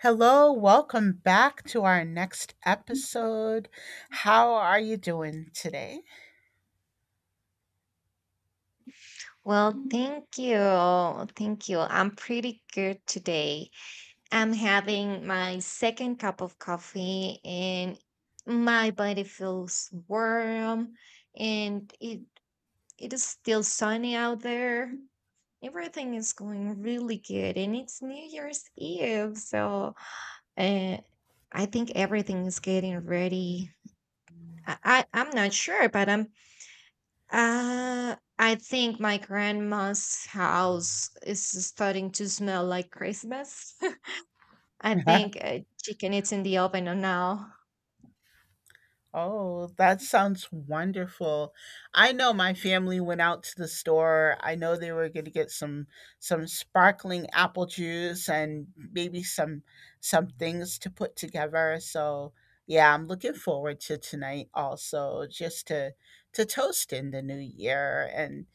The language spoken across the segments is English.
Hello, welcome back to our next episode. How are you doing today? Well, thank you. Thank you. I'm pretty good today. I'm having my second cup of coffee and my body feels warm and it is still sunny out there. Everything is going really good and it's New Year's Eve, so uh, I think everything is getting ready. I'm not sure, but I'm I think my grandma's house is starting to smell like Christmas. I think chicken is in the oven now. Oh, that sounds wonderful. I know my family went out to the store. I know they were going to get some sparkling apple juice and maybe some things to put together. So, yeah, I'm looking forward to tonight also just to toast in the new year and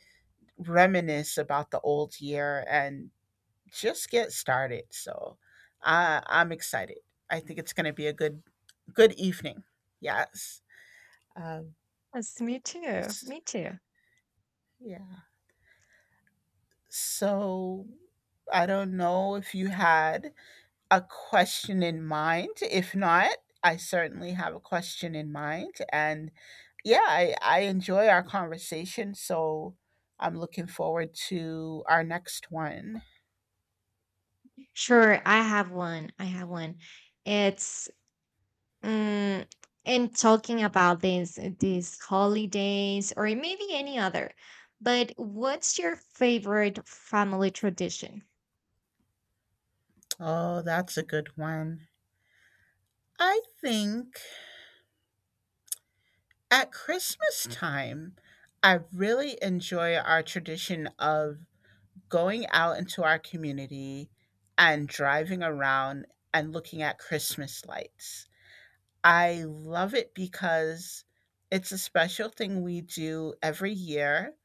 reminisce about the old year and just get started. So I'm excited. I think it's going to be a good good evening. Yes. Um, Yes, me too. s- Me too. yeah. So I don't know if you had a question in mind. If not, I certainly have a question in mind. And yeah, I enjoy our conversation. So I'm looking forward to our next one. Sure, I have one. I have one. It's um, and talking about these holidays or maybe any other. But what's your favorite family tradition? Oh, that's a good one. I think at Christmas time, I really enjoy our tradition of going out into our community and driving around and looking at Christmas lights. I love it because it's a special thing we do every year.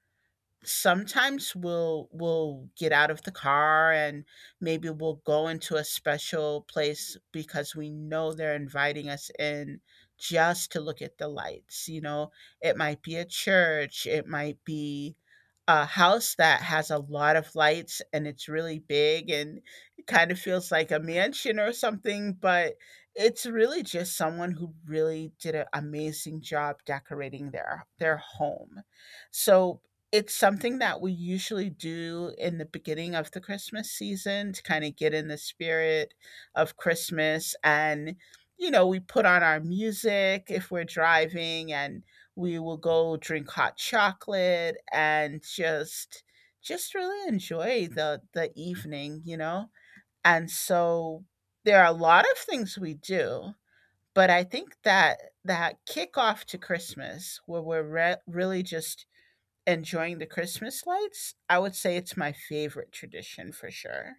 Sometimes we'll get out of the car and maybe we'll go into a special place because we know they're inviting us in just to look at the lights. You know, it might be a church, it might be a house that has a lot of lights and it's really big, and it kind of feels like a mansion or something, but it's really just someone who really did an amazing job decorating their home. So it's something that we usually do in the beginning of the Christmas season to kinda get in the spirit of Christmas. And, you know, we put on our music if we're driving, and we will go drink hot chocolate and just really enjoy the evening, you know? And so, there are a lot of things we do, but I think that that kickoff to Christmas where we're re really just enjoying the Christmas lights, I would say it's my favorite tradition for sure.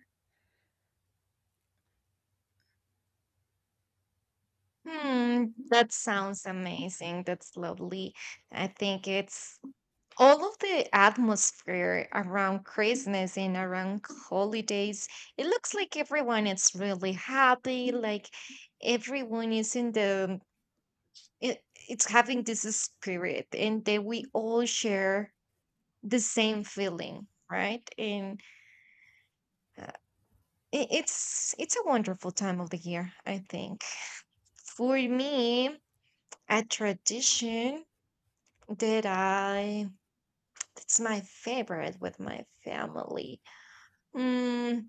Hmm, that sounds amazing. That's lovely. I think it's all of the atmosphere around Christmas and around holidays. It looks like everyone is really happy. Like everyone is in the, it, it's having this spirit, and that we all share the same feeling, right? And uh, it's a wonderful time of the year, I think. For me, a tradition that it's my favorite with my family. mm,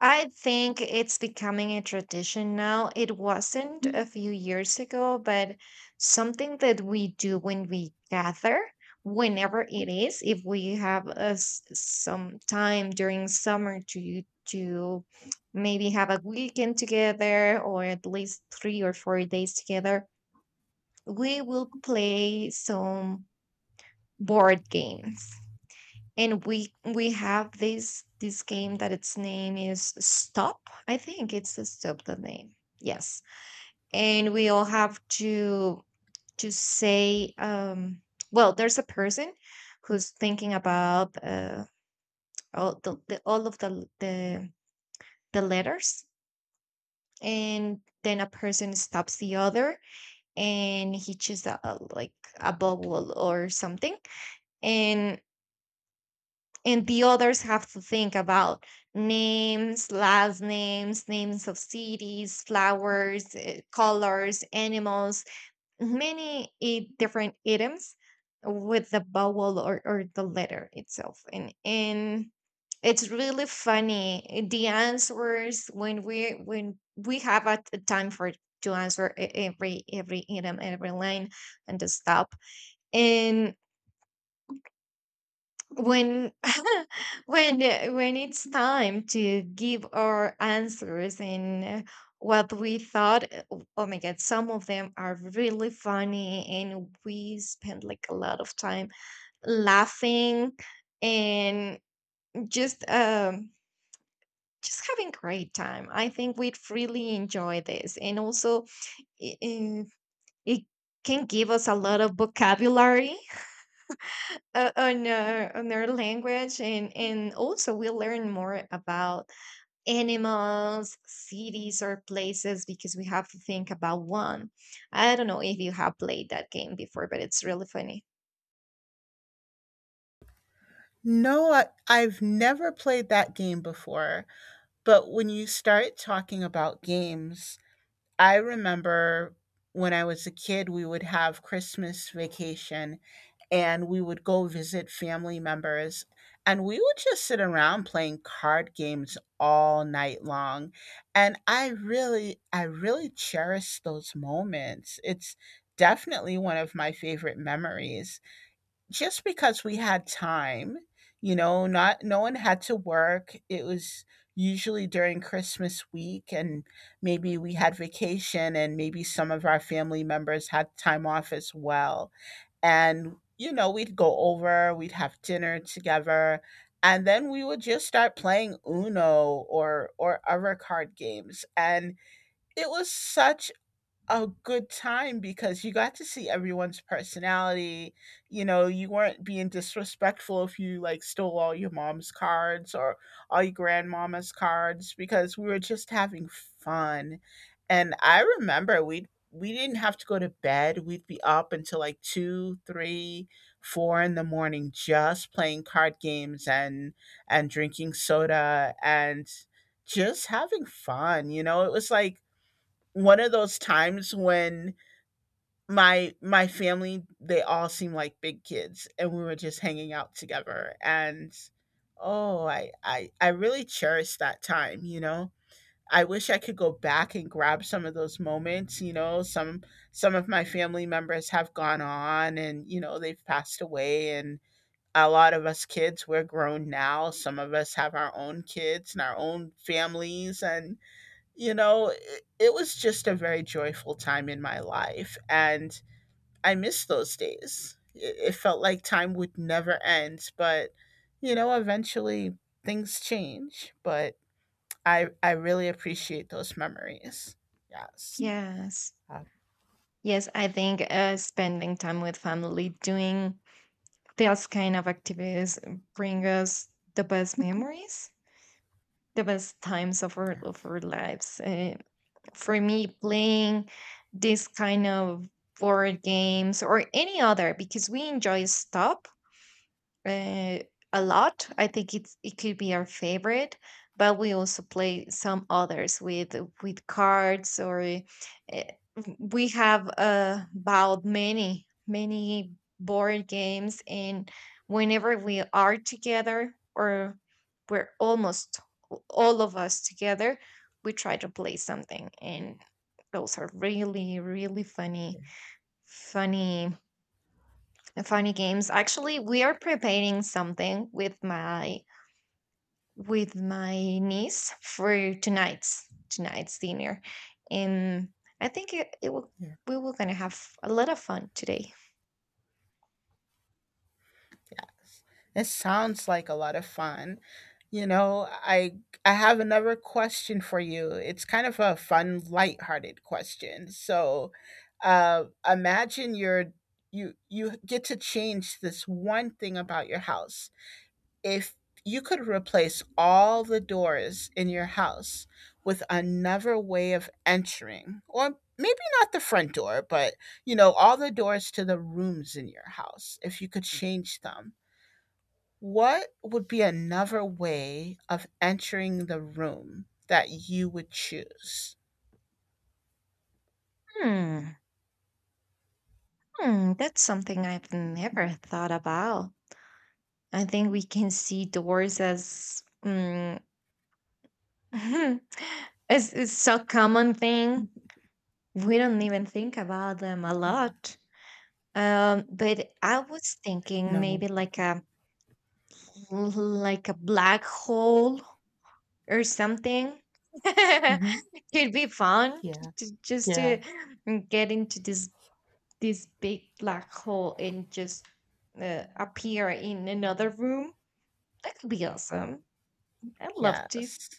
I think it's becoming a tradition now. It wasn't a few years ago, but something that we do when we gather, whenever it is, if we have a s some time during summer to maybe have a weekend together or at least 3 or 4 days together, we will play some board games, and we have this game that its name is stop. I think it's the stop, the name. Yes. And we all have to say well there's a person who's thinking about all the all of the the letters, and then a person stops the other and he chooses like a bubble or something, and and the others have to think about names, last names, names of cities, flowers, eh, colors, animals, different items with the vowel, or the letter itself. And it's really funny, eh, the answers when we have a time for to answer every item, every line, and the stop. And when when it's time to give our answers in what we thought, oh, oh my god, some of them are really funny, and we spend like a lot of time laughing and just um just having great time. I think we'd really enjoy this, and also it, it can give us a lot of vocabulary on on our language, and also we learn more about animals, cities, or places because we have to think about one. I don't know if you have played that game before, but it's really funny. No, I've never played that game before, but when you start talking about games, I remember when I was a kid, we would have Christmas vacation and we would go visit family members and we would just sit around playing card games all night long. And I really cherish those moments. It's definitely one of my favorite memories just because we had time. You know, not no one had to work. It was usually during Christmas week, and maybe we had vacation and maybe some of our family members had time off as well. And you know, we'd go over, we'd have dinner together, and then we would just start playing Uno or other card games. And it was such a good time because you got to see everyone's personality. You know, you weren't being disrespectful if you like stole all your mom's cards or all your grandmama's cards because we were just having fun. And I remember we didn't have to go to bed. We'd be up until like two, three, four in the morning just playing card games and drinking soda and just having fun. You know, it was like one of those times when my family, they all seemed like big kids and we were just hanging out together. And oh, I really cherish that time. You know, I wish I could go back and grab some of those moments. You know, some of my family members have gone on, and you know, they've passed away. And a lot of us kids, we're grown now. Some of us have our own kids and our own families. And you know, it was just a very joyful time in my life, and I miss those days. It felt like time would never end, but you know, eventually things change. But I really appreciate those memories. Yes. Yes, Uh, yes, I think spending time with family doing those kind of activities bring us the best memories, the best times yeah. of our lives. For me, playing this kind of board games or any other, because we enjoy stuff uh, a lot. I think it's it could be our favorite, but we also play some others with cards or we have bought many board games, and whenever we are together or we're almost all of us together, we try to play something, and those are really Yeah. funny funny funny games. Actually, we are preparing something with my niece for tonight's dinner, and I think it will Yeah. we were gonna have a lot of fun today. Yes. It sounds like a lot of fun. You know, I have another question for you. It's kind of a fun, lighthearted question. So, imagine you're you get to change this one thing about your house. If you could replace all the doors in your house with another way of entering, or maybe not the front door, but you know, all the doors to the rooms in your house, if you could change them, what would be another way of entering the room that you would choose? Hmm. Hmm. That's something I've never thought about. I think we can see doors as it's so common thing. We don't even think about them a Yeah. lot. But I was thinking No. maybe like a like a black hole or something. Mhm. Could be fun to, Yeah. Just Yeah. to get into this this big black hole and just appear in another room. That could be awesome. I'd love to. Yes.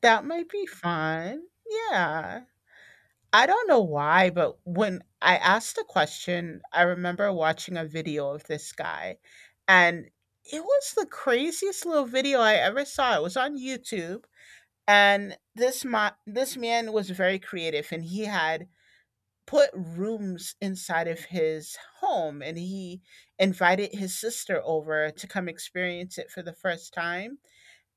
That might be fun. Yeah. I don't know why, but when I asked the question, I remember watching a video of this guy, and it was the craziest little video I ever saw. It was on YouTube, and this man was very creative, and he had put rooms inside of his home, and he invited his sister over to come experience it for the first time.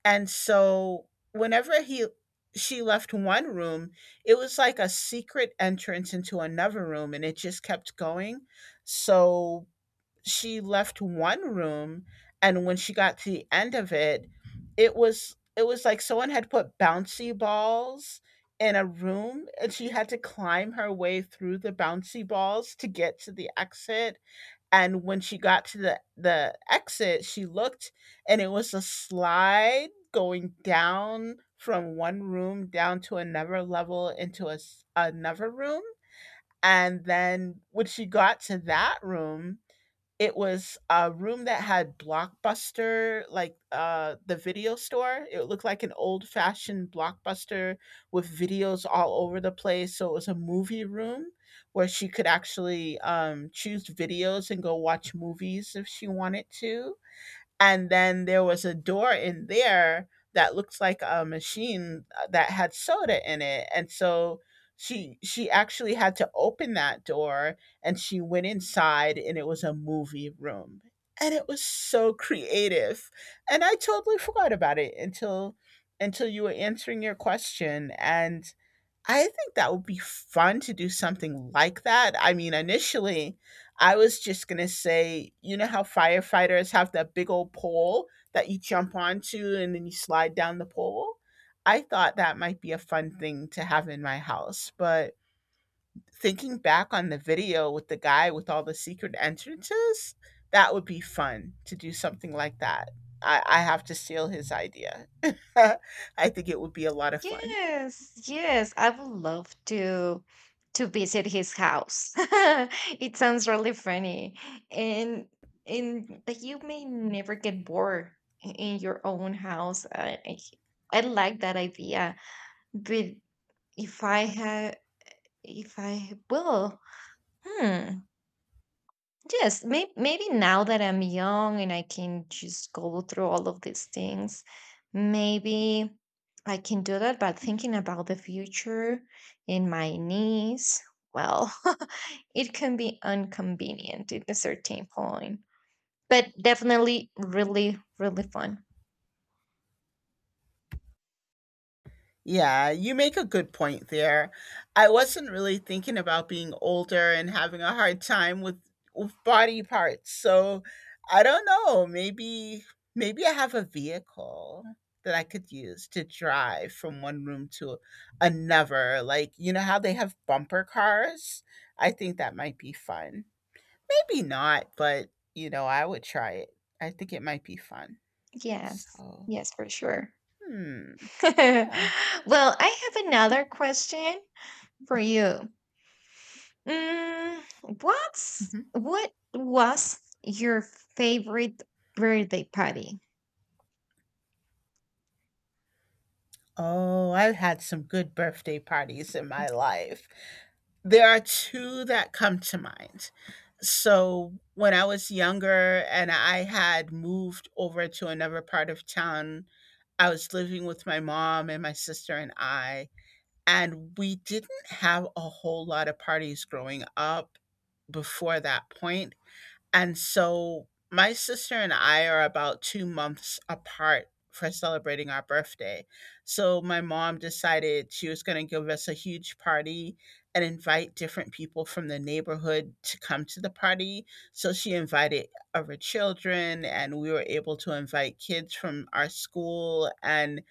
And so whenever he she left one room, it was like a secret entrance into another room, and it just kept going. So she left one room, and when she got to the end of it, it was like someone had put bouncy balls in a room, and she had to climb her way through the bouncy balls to get to the exit. And when she got to the exit, she looked, and it was a slide going down from one room down to another level into another room. And then when she got to that room, it was a room that had Blockbuster, like, the video store. It looked like an old-fashioned Blockbuster with videos all over the place, so it was a movie room where she could actually, choose videos and go watch movies if she wanted to. And then there was a door in there that looks like a machine that had soda in it, and so she actually had to open that door, and she went inside, and it was a movie room, and it was so creative, and I totally forgot about it until you were answering your question, and I think that would be fun to do something like that. I mean, initially, I was just gonna say, you know how firefighters have that big old pole that you jump onto and then you slide down the pole? I thought that might be a fun thing to have in my house, but thinking back on the video with the guy with all the secret entrances, that would be fun to do something like that. I have to steal his idea. I think it would be a lot of fun. Yes, yes, I would love to visit his house. It sounds really funny. And and that you may never get bored in your own house. I like that idea. But if I had if I will, hmm. Yes, maybe now that I'm young and I can just go through all of these things, maybe I can do that. But thinking about the future in my knees, well, it can be inconvenient at a certain point, but definitely really, really fun. Yeah, you make a good point there. I wasn't really thinking about being older and having a hard time with body parts. So, I don't know, maybe maybe I have a vehicle that I could use to drive from one room to another. Like, you know how they have bumper cars? I think that might be fun. Maybe not, but you know, I would try it. I think it might be fun. Yes, So, yes, for sure. hmm, yeah. Well, I have another question for you. Mm, what was your favorite birthday party? Oh, I've had some good birthday parties in my life. There are two that come to mind. So, when I was younger and I had moved over to another part of town, I was living with my mom and my sister and I, and we didn't have a whole lot of parties growing up before that point. And so my sister and I are about 2 months apart for celebrating our birthday. So my mom decided she was going to give us a huge party and invite different people from the neighborhood to come to the party. So she invited other children, and we were able to invite kids from our school. And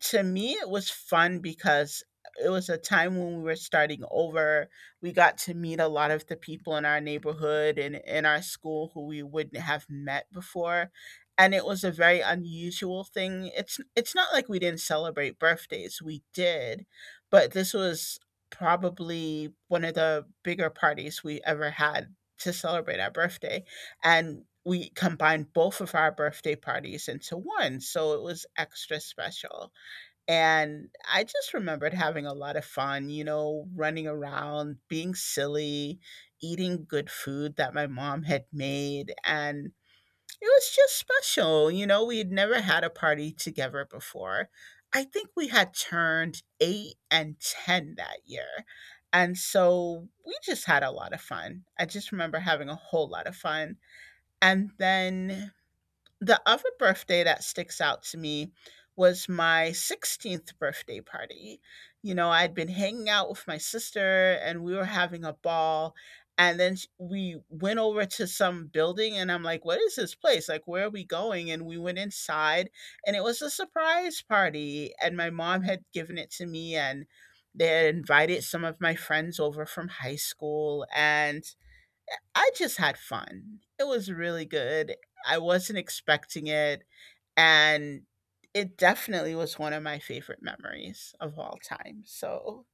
to me it was fun because it was a time when we were starting over. We got to meet a lot of the people in our neighborhood and in our school who we wouldn't have met before, and it was a very unusual thing. It's not like we didn't celebrate birthdays, we did, but this was probably one of the bigger parties we ever had to celebrate our birthday. And we combined both of our birthday parties into one, so it was extra special. And I just remembered having a lot of fun, you know, running around, being silly, eating good food that my mom had made. And it was just special. You know, we had never had a party together before. I think we had turned eight and 10 that year. And so we just had a lot of fun. I just remember having a whole lot of fun. And then the other birthday that sticks out to me was my 16th birthday party. You know, I'd been hanging out with my sister and we were having a ball. And then we went over to some building and I'm like, what is this place? Like, where are we going? And we went inside and it was a surprise party. And my mom had given it to me and they had invited some of my friends over from high school. And I just had fun. It was really good. I wasn't expecting it, and it definitely was one of my favorite memories of all time. So,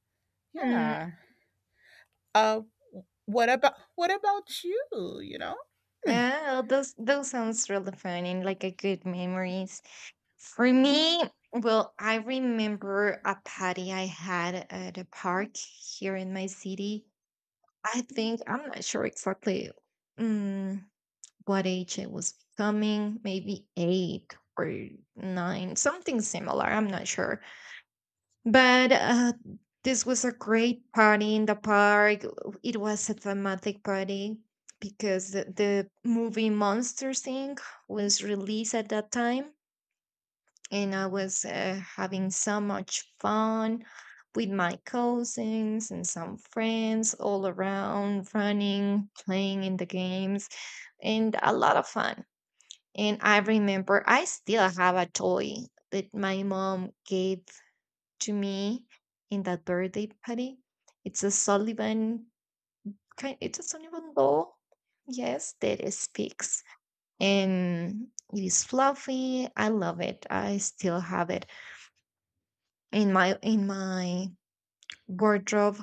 Hmm. yeah. Uh, what about you? You know? Oh, those sounds really fun and like a good memories. For me, well, I remember a party I had at a park here in my city. I think I'm not sure exactly, mm, what age I was becoming, maybe eight or nine, something similar. I'm not sure. But this was a great party in the park. It was a thematic party because the movie Monster Inc. was released at that time, and I was having so much fun with my cousins and some friends all around, running, playing in the games, and a lot of fun. And I remember I still have a toy that my mom gave to me in that birthday party. It's a Sullivan kind it's a Sullivan doll. Yes, that it speaks. And it is fluffy. I love it. I still have it in my wardrobe.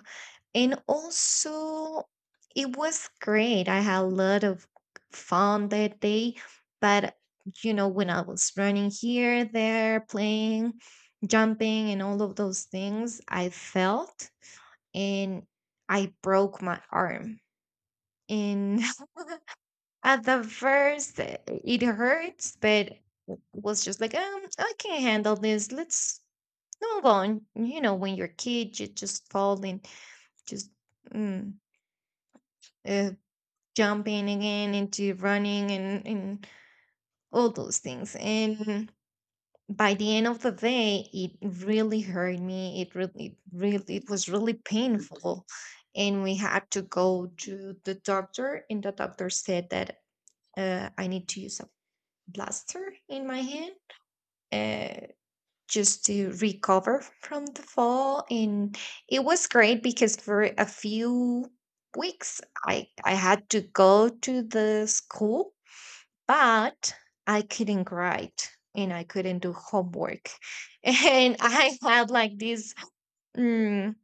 And also it was great. I had a lot of fun that day. But you know, when I was running here, there, playing, jumping and all of those things, I felt and I broke my arm. And at the first, it hurts, but was just like, I can handle this. Let's move on. You know, when you're a kid, you just fall and just mm, uh, jumping again into running and all those things. And by the end of the day, it really hurt me, it really it was really painful, and we had to go to the doctor, and the doctor said that I need to use a blaster in my hand, uh, just to recover from the fall. And it was great because for a few weeks, I had to go to the school, but I couldn't write and I couldn't do homework. And I had like this, mm,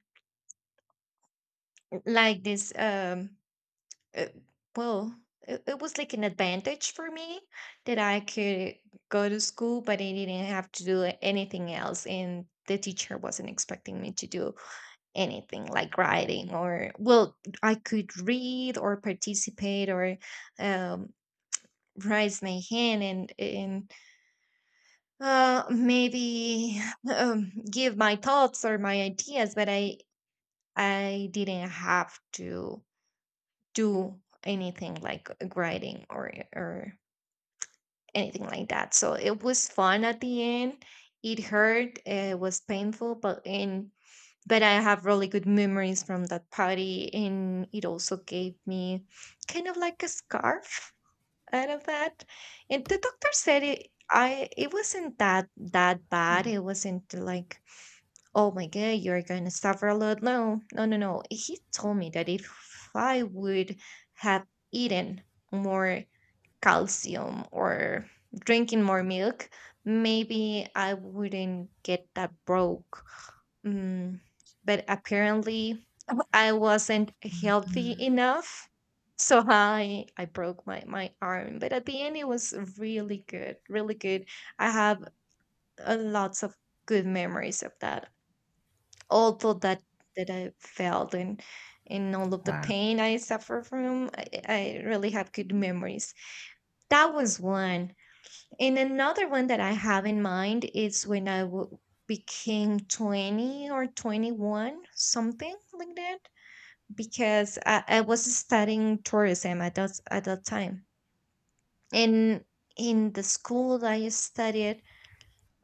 like this, uh, well, it was like an advantage for me that I could go to school, but I didn't have to do anything else. And the teacher wasn't expecting me to do anything like writing or, well, I could read or participate or um, raise my hand, and uh, maybe give my thoughts or my ideas, but I didn't have to do anything like writing or anything like that. So it was fun at the end. It hurt. It was painful, but in but I have really good memories from that party, and it also gave me kind of like a scarf out of that. And the doctor said it. I It wasn't that bad. It wasn't like, oh my God, you're going to suffer a lot. No, no, no, no. He told me that if I would have eaten more calcium or drinking more milk, maybe I wouldn't get that broke. Mm, but apparently, I wasn't healthy enough. So I broke my arm, but at the end it was really good, really good. I have lots of good memories of that, although that I felt and all of the Wow! pain I suffered from, I really have good memories. That was one. And another one that I have in mind is when I became 20 or 21, something like that, because I was studying tourism at at that time. And in the school that I studied,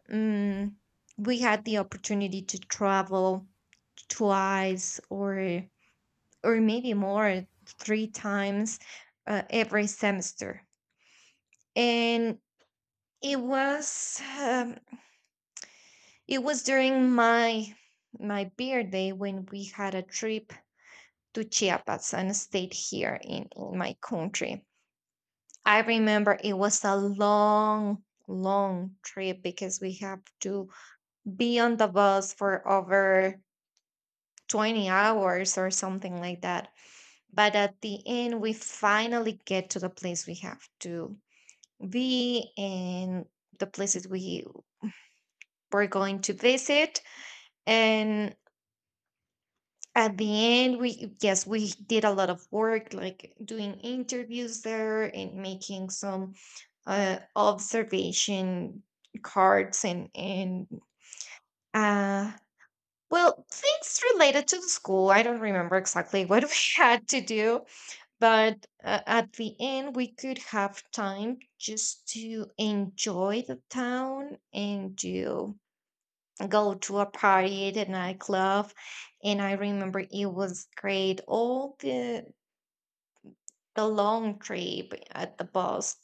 um, we had the opportunity to travel twice or maybe more three times every semester. And it was um, it was during my my birthday when we had a trip to chiapas and stayed here in my country. I remember it was a long trip because we have to be on the bus for over 20 hours or something like that. But at the end we finally get to the place we have to be, and the places we were going to visit. And at the end, we, yes, we did a lot of work, like doing interviews there and making some observation cards and, uh, well, things related to the school. I don't remember exactly what we had to do, but at the end, we could have time just to enjoy the town and do go to a party at a nightclub. And I remember it was great. All the long trip at the bus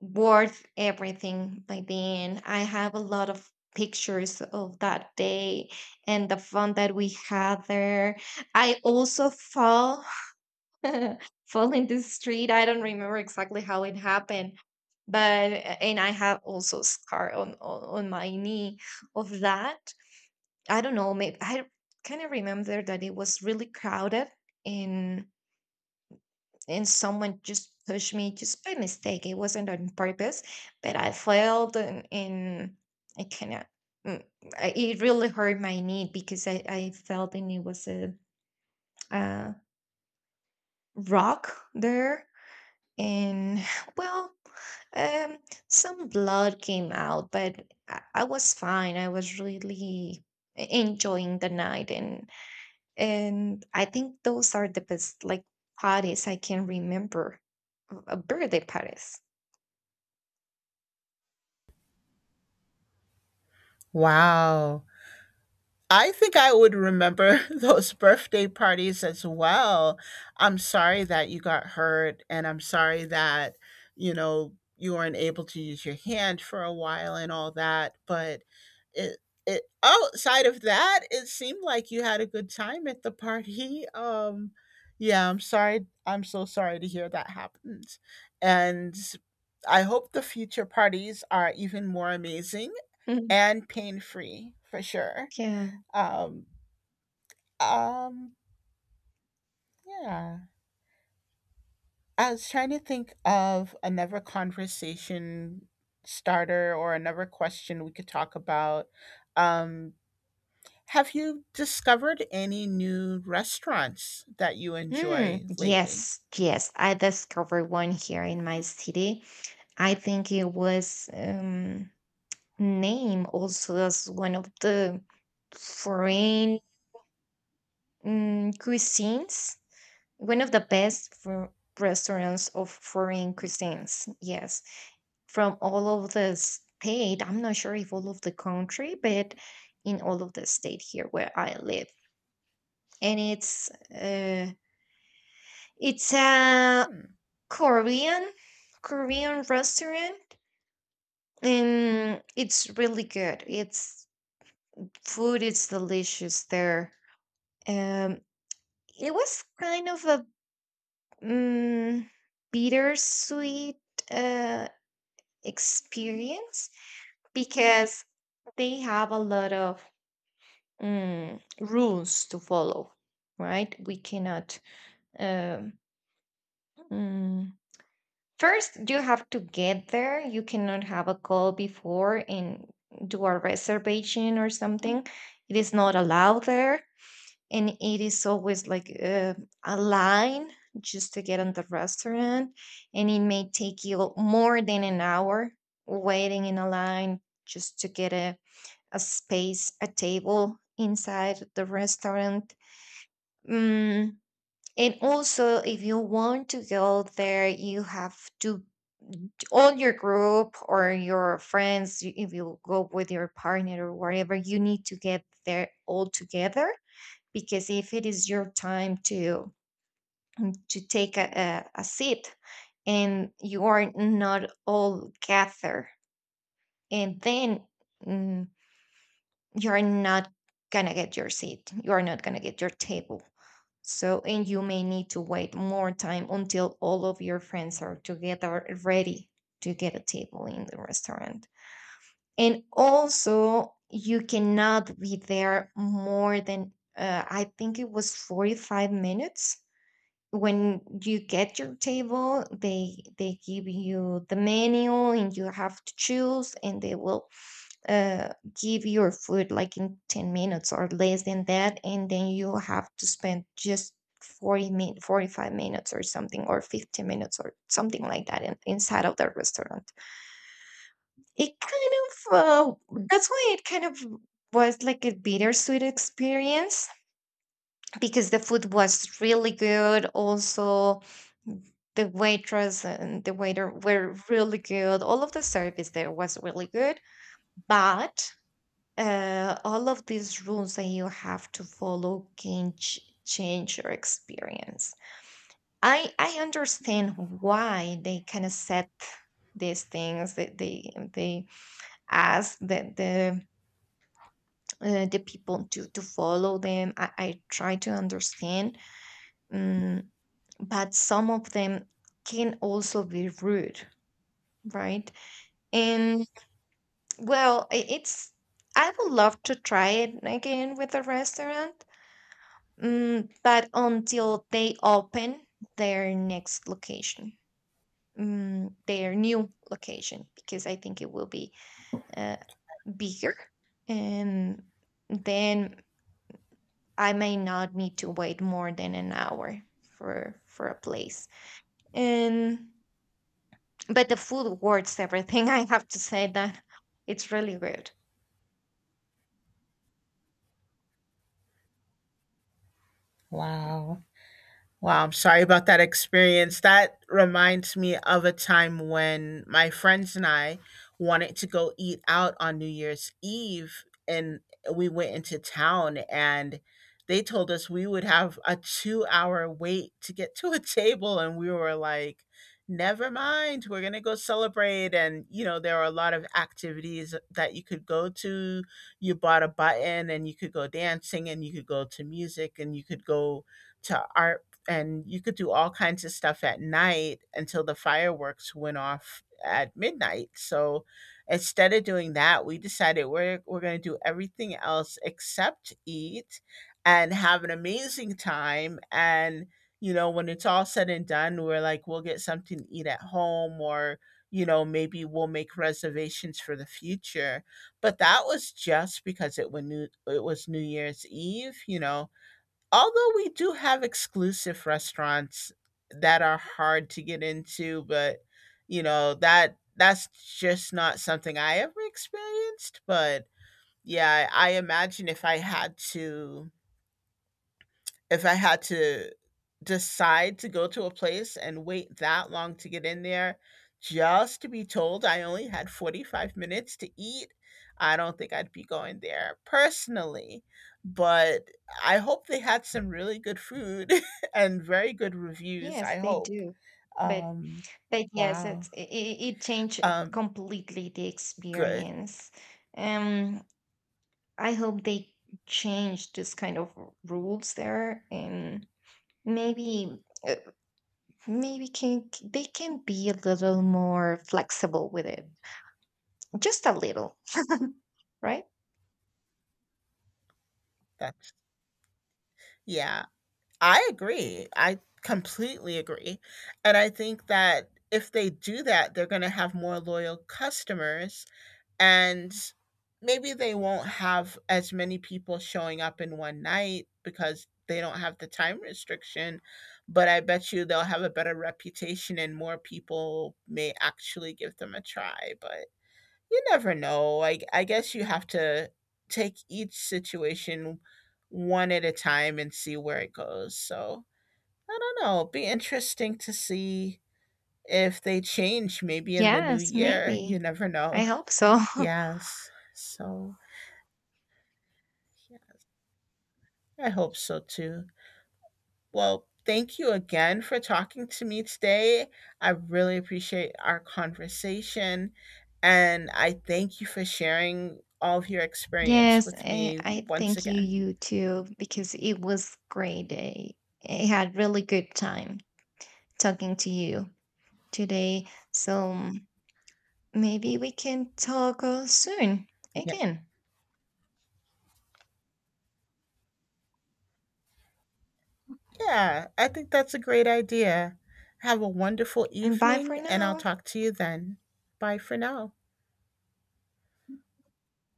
worth everything. By then I have a lot of pictures of that day and the fun that we had there. I also fall fall in the street. I don't remember exactly how it happened, but and I have also scar on my knee of that. I don't know, maybe I kind of remember that it was really crowded, and someone just pushed me just by mistake. It wasn't on purpose, but I fell and I kind of mm, it really hurt my knee because I felt and it was a rock there. And well um some blood came out, but I was fine. I was really enjoying the night. And I think those are the best, like, parties I can remember. Birthday parties. Wow! I think I would remember those birthday parties as well. I'm sorry that you got hurt and I'm sorry that, you know, you weren't able to use your hand for a while and all that, but it it outside of that, it seemed like you had a good time at the party. Yeah, I'm sorry. I'm so sorry to hear that happened. And I hope the future parties are even more amazing Mhm. and pain-free for sure. Yeah. Um, um, yeah. I was trying to think of another conversation starter or another question we could talk about. Um, have you discovered any new restaurants that you Hmm. enjoy lately? Yes, yes. I discovered one here in my city. I think it was named also as one of the foreign cuisines, one of the best for restaurants of foreign cuisines. Yes. From all of the state. I'm not sure if all of the country, but in all of the state here where I live. And it's a Hmm. Korean Korean restaurant, and it's really good. It's food is delicious there. Um, it was kind of a um, bittersweet uh, experience because they have a lot of rules to follow, right? We cannot. Um, mm, First, you have to get there. You cannot have a call before and do a reservation or something. It is not allowed there. And it is always like a line just to get on the restaurant. And it may take you more than an hour waiting in a line just to get a space, a table inside the restaurant. Mm, and also, if you want to go there, you have to all your group or your friends. If you go with your partner or whatever, you need to get there all together, because if it is your time to to take a seat, and you are not all gather, and then. mm, you're not gonna get your seat. You are not gonna get your table. So, and you may need to wait more time until all of your friends are together ready to get a table in the restaurant. And also, you cannot be there more than, I think it was 45 minutes. When you get your table, they give you the menu and you have to choose, and they will uh, give your food like in 10 minutes or less than that. And then you have to spend just 40 min 45 minutes or something, or 50 minutes or something like that in, inside of the restaurant. It kind of That's why it kind of was like a bittersweet experience, because the food was really good. Also the waitress and the waiter were really good. All of the service there was really good. But all of these rules that you have to follow can change your experience. I understand why they kind of set these things, that they ask that the people to follow them. I try to understand, um, but some of them can also be rude, right? And well, it's I would love to try it again with a restaurant. Mm, but until they open their next location, mm, their new location, because I think it will be uh, bigger. And then I may not need to wait more than an hour for a place. And but the food worth everything. I have to say that it's really good. Wow. Wow, I'm sorry about that experience. That reminds me of a time when my friends and I wanted to go eat out on New Year's Eve, and we went into town, and they told us we would have a 2 hour wait to get to a table. And we were like, never mind, we're going to go celebrate. And, you know, there are a lot of activities that you could go to. You bought a button, and you could go dancing, and you could go to music, and you could go to art and you could do all kinds of stuff at night until the fireworks went off at midnight. So instead of doing that, we decided we're going to do everything else except eat and have an amazing time and, you know, when it's all said and done, we're like we'll get something to eat at home or, you know, maybe we'll make reservations for the future. But that was just because it was New Year's Eve, you know. Although we do have exclusive restaurants that are hard to get into, but you know, that's just not something I ever experienced, but yeah, I imagine if I had to if I had to decide to go to a place and wait that long to get in there just to be told I only had 45 minutes to eat, I don't think I'd be going there personally. But I hope they had some really good food and very good reviews. Yes, I they hope. do. But Um, but yes, wow. it's it, it changed Um, completely the good. experience. Um, I hope they change this kind of rules there, and maybe maybe can they can be a little more flexible with it. Just a little, right? That's, yeah. I agree. I completely agree. And I think that if they do that, they're going to have more loyal customers and maybe they won't have as many people showing up in one night because they don't have the time restriction. But I bet you they'll have a better reputation and more people may actually give them a try. But you never know. I guess you have to take each situation one at a time and see where it goes. So I don't know. It'll be interesting to see if they change maybe in the new Yes, year. You maybe. never know. I hope so. Yes. So, yeah, I hope so too. Well, thank you again for talking to me today. I really appreciate our conversation. And I thank you for sharing all of your experience Yes, with me I once thank again. you too, because it was great. I had really good time talking to you today. So maybe we can talk soon Yeah. again. Yeah. I think that's a great idea. Have a wonderful Bye evening, for and I'll now. talk to you then. Bye for now.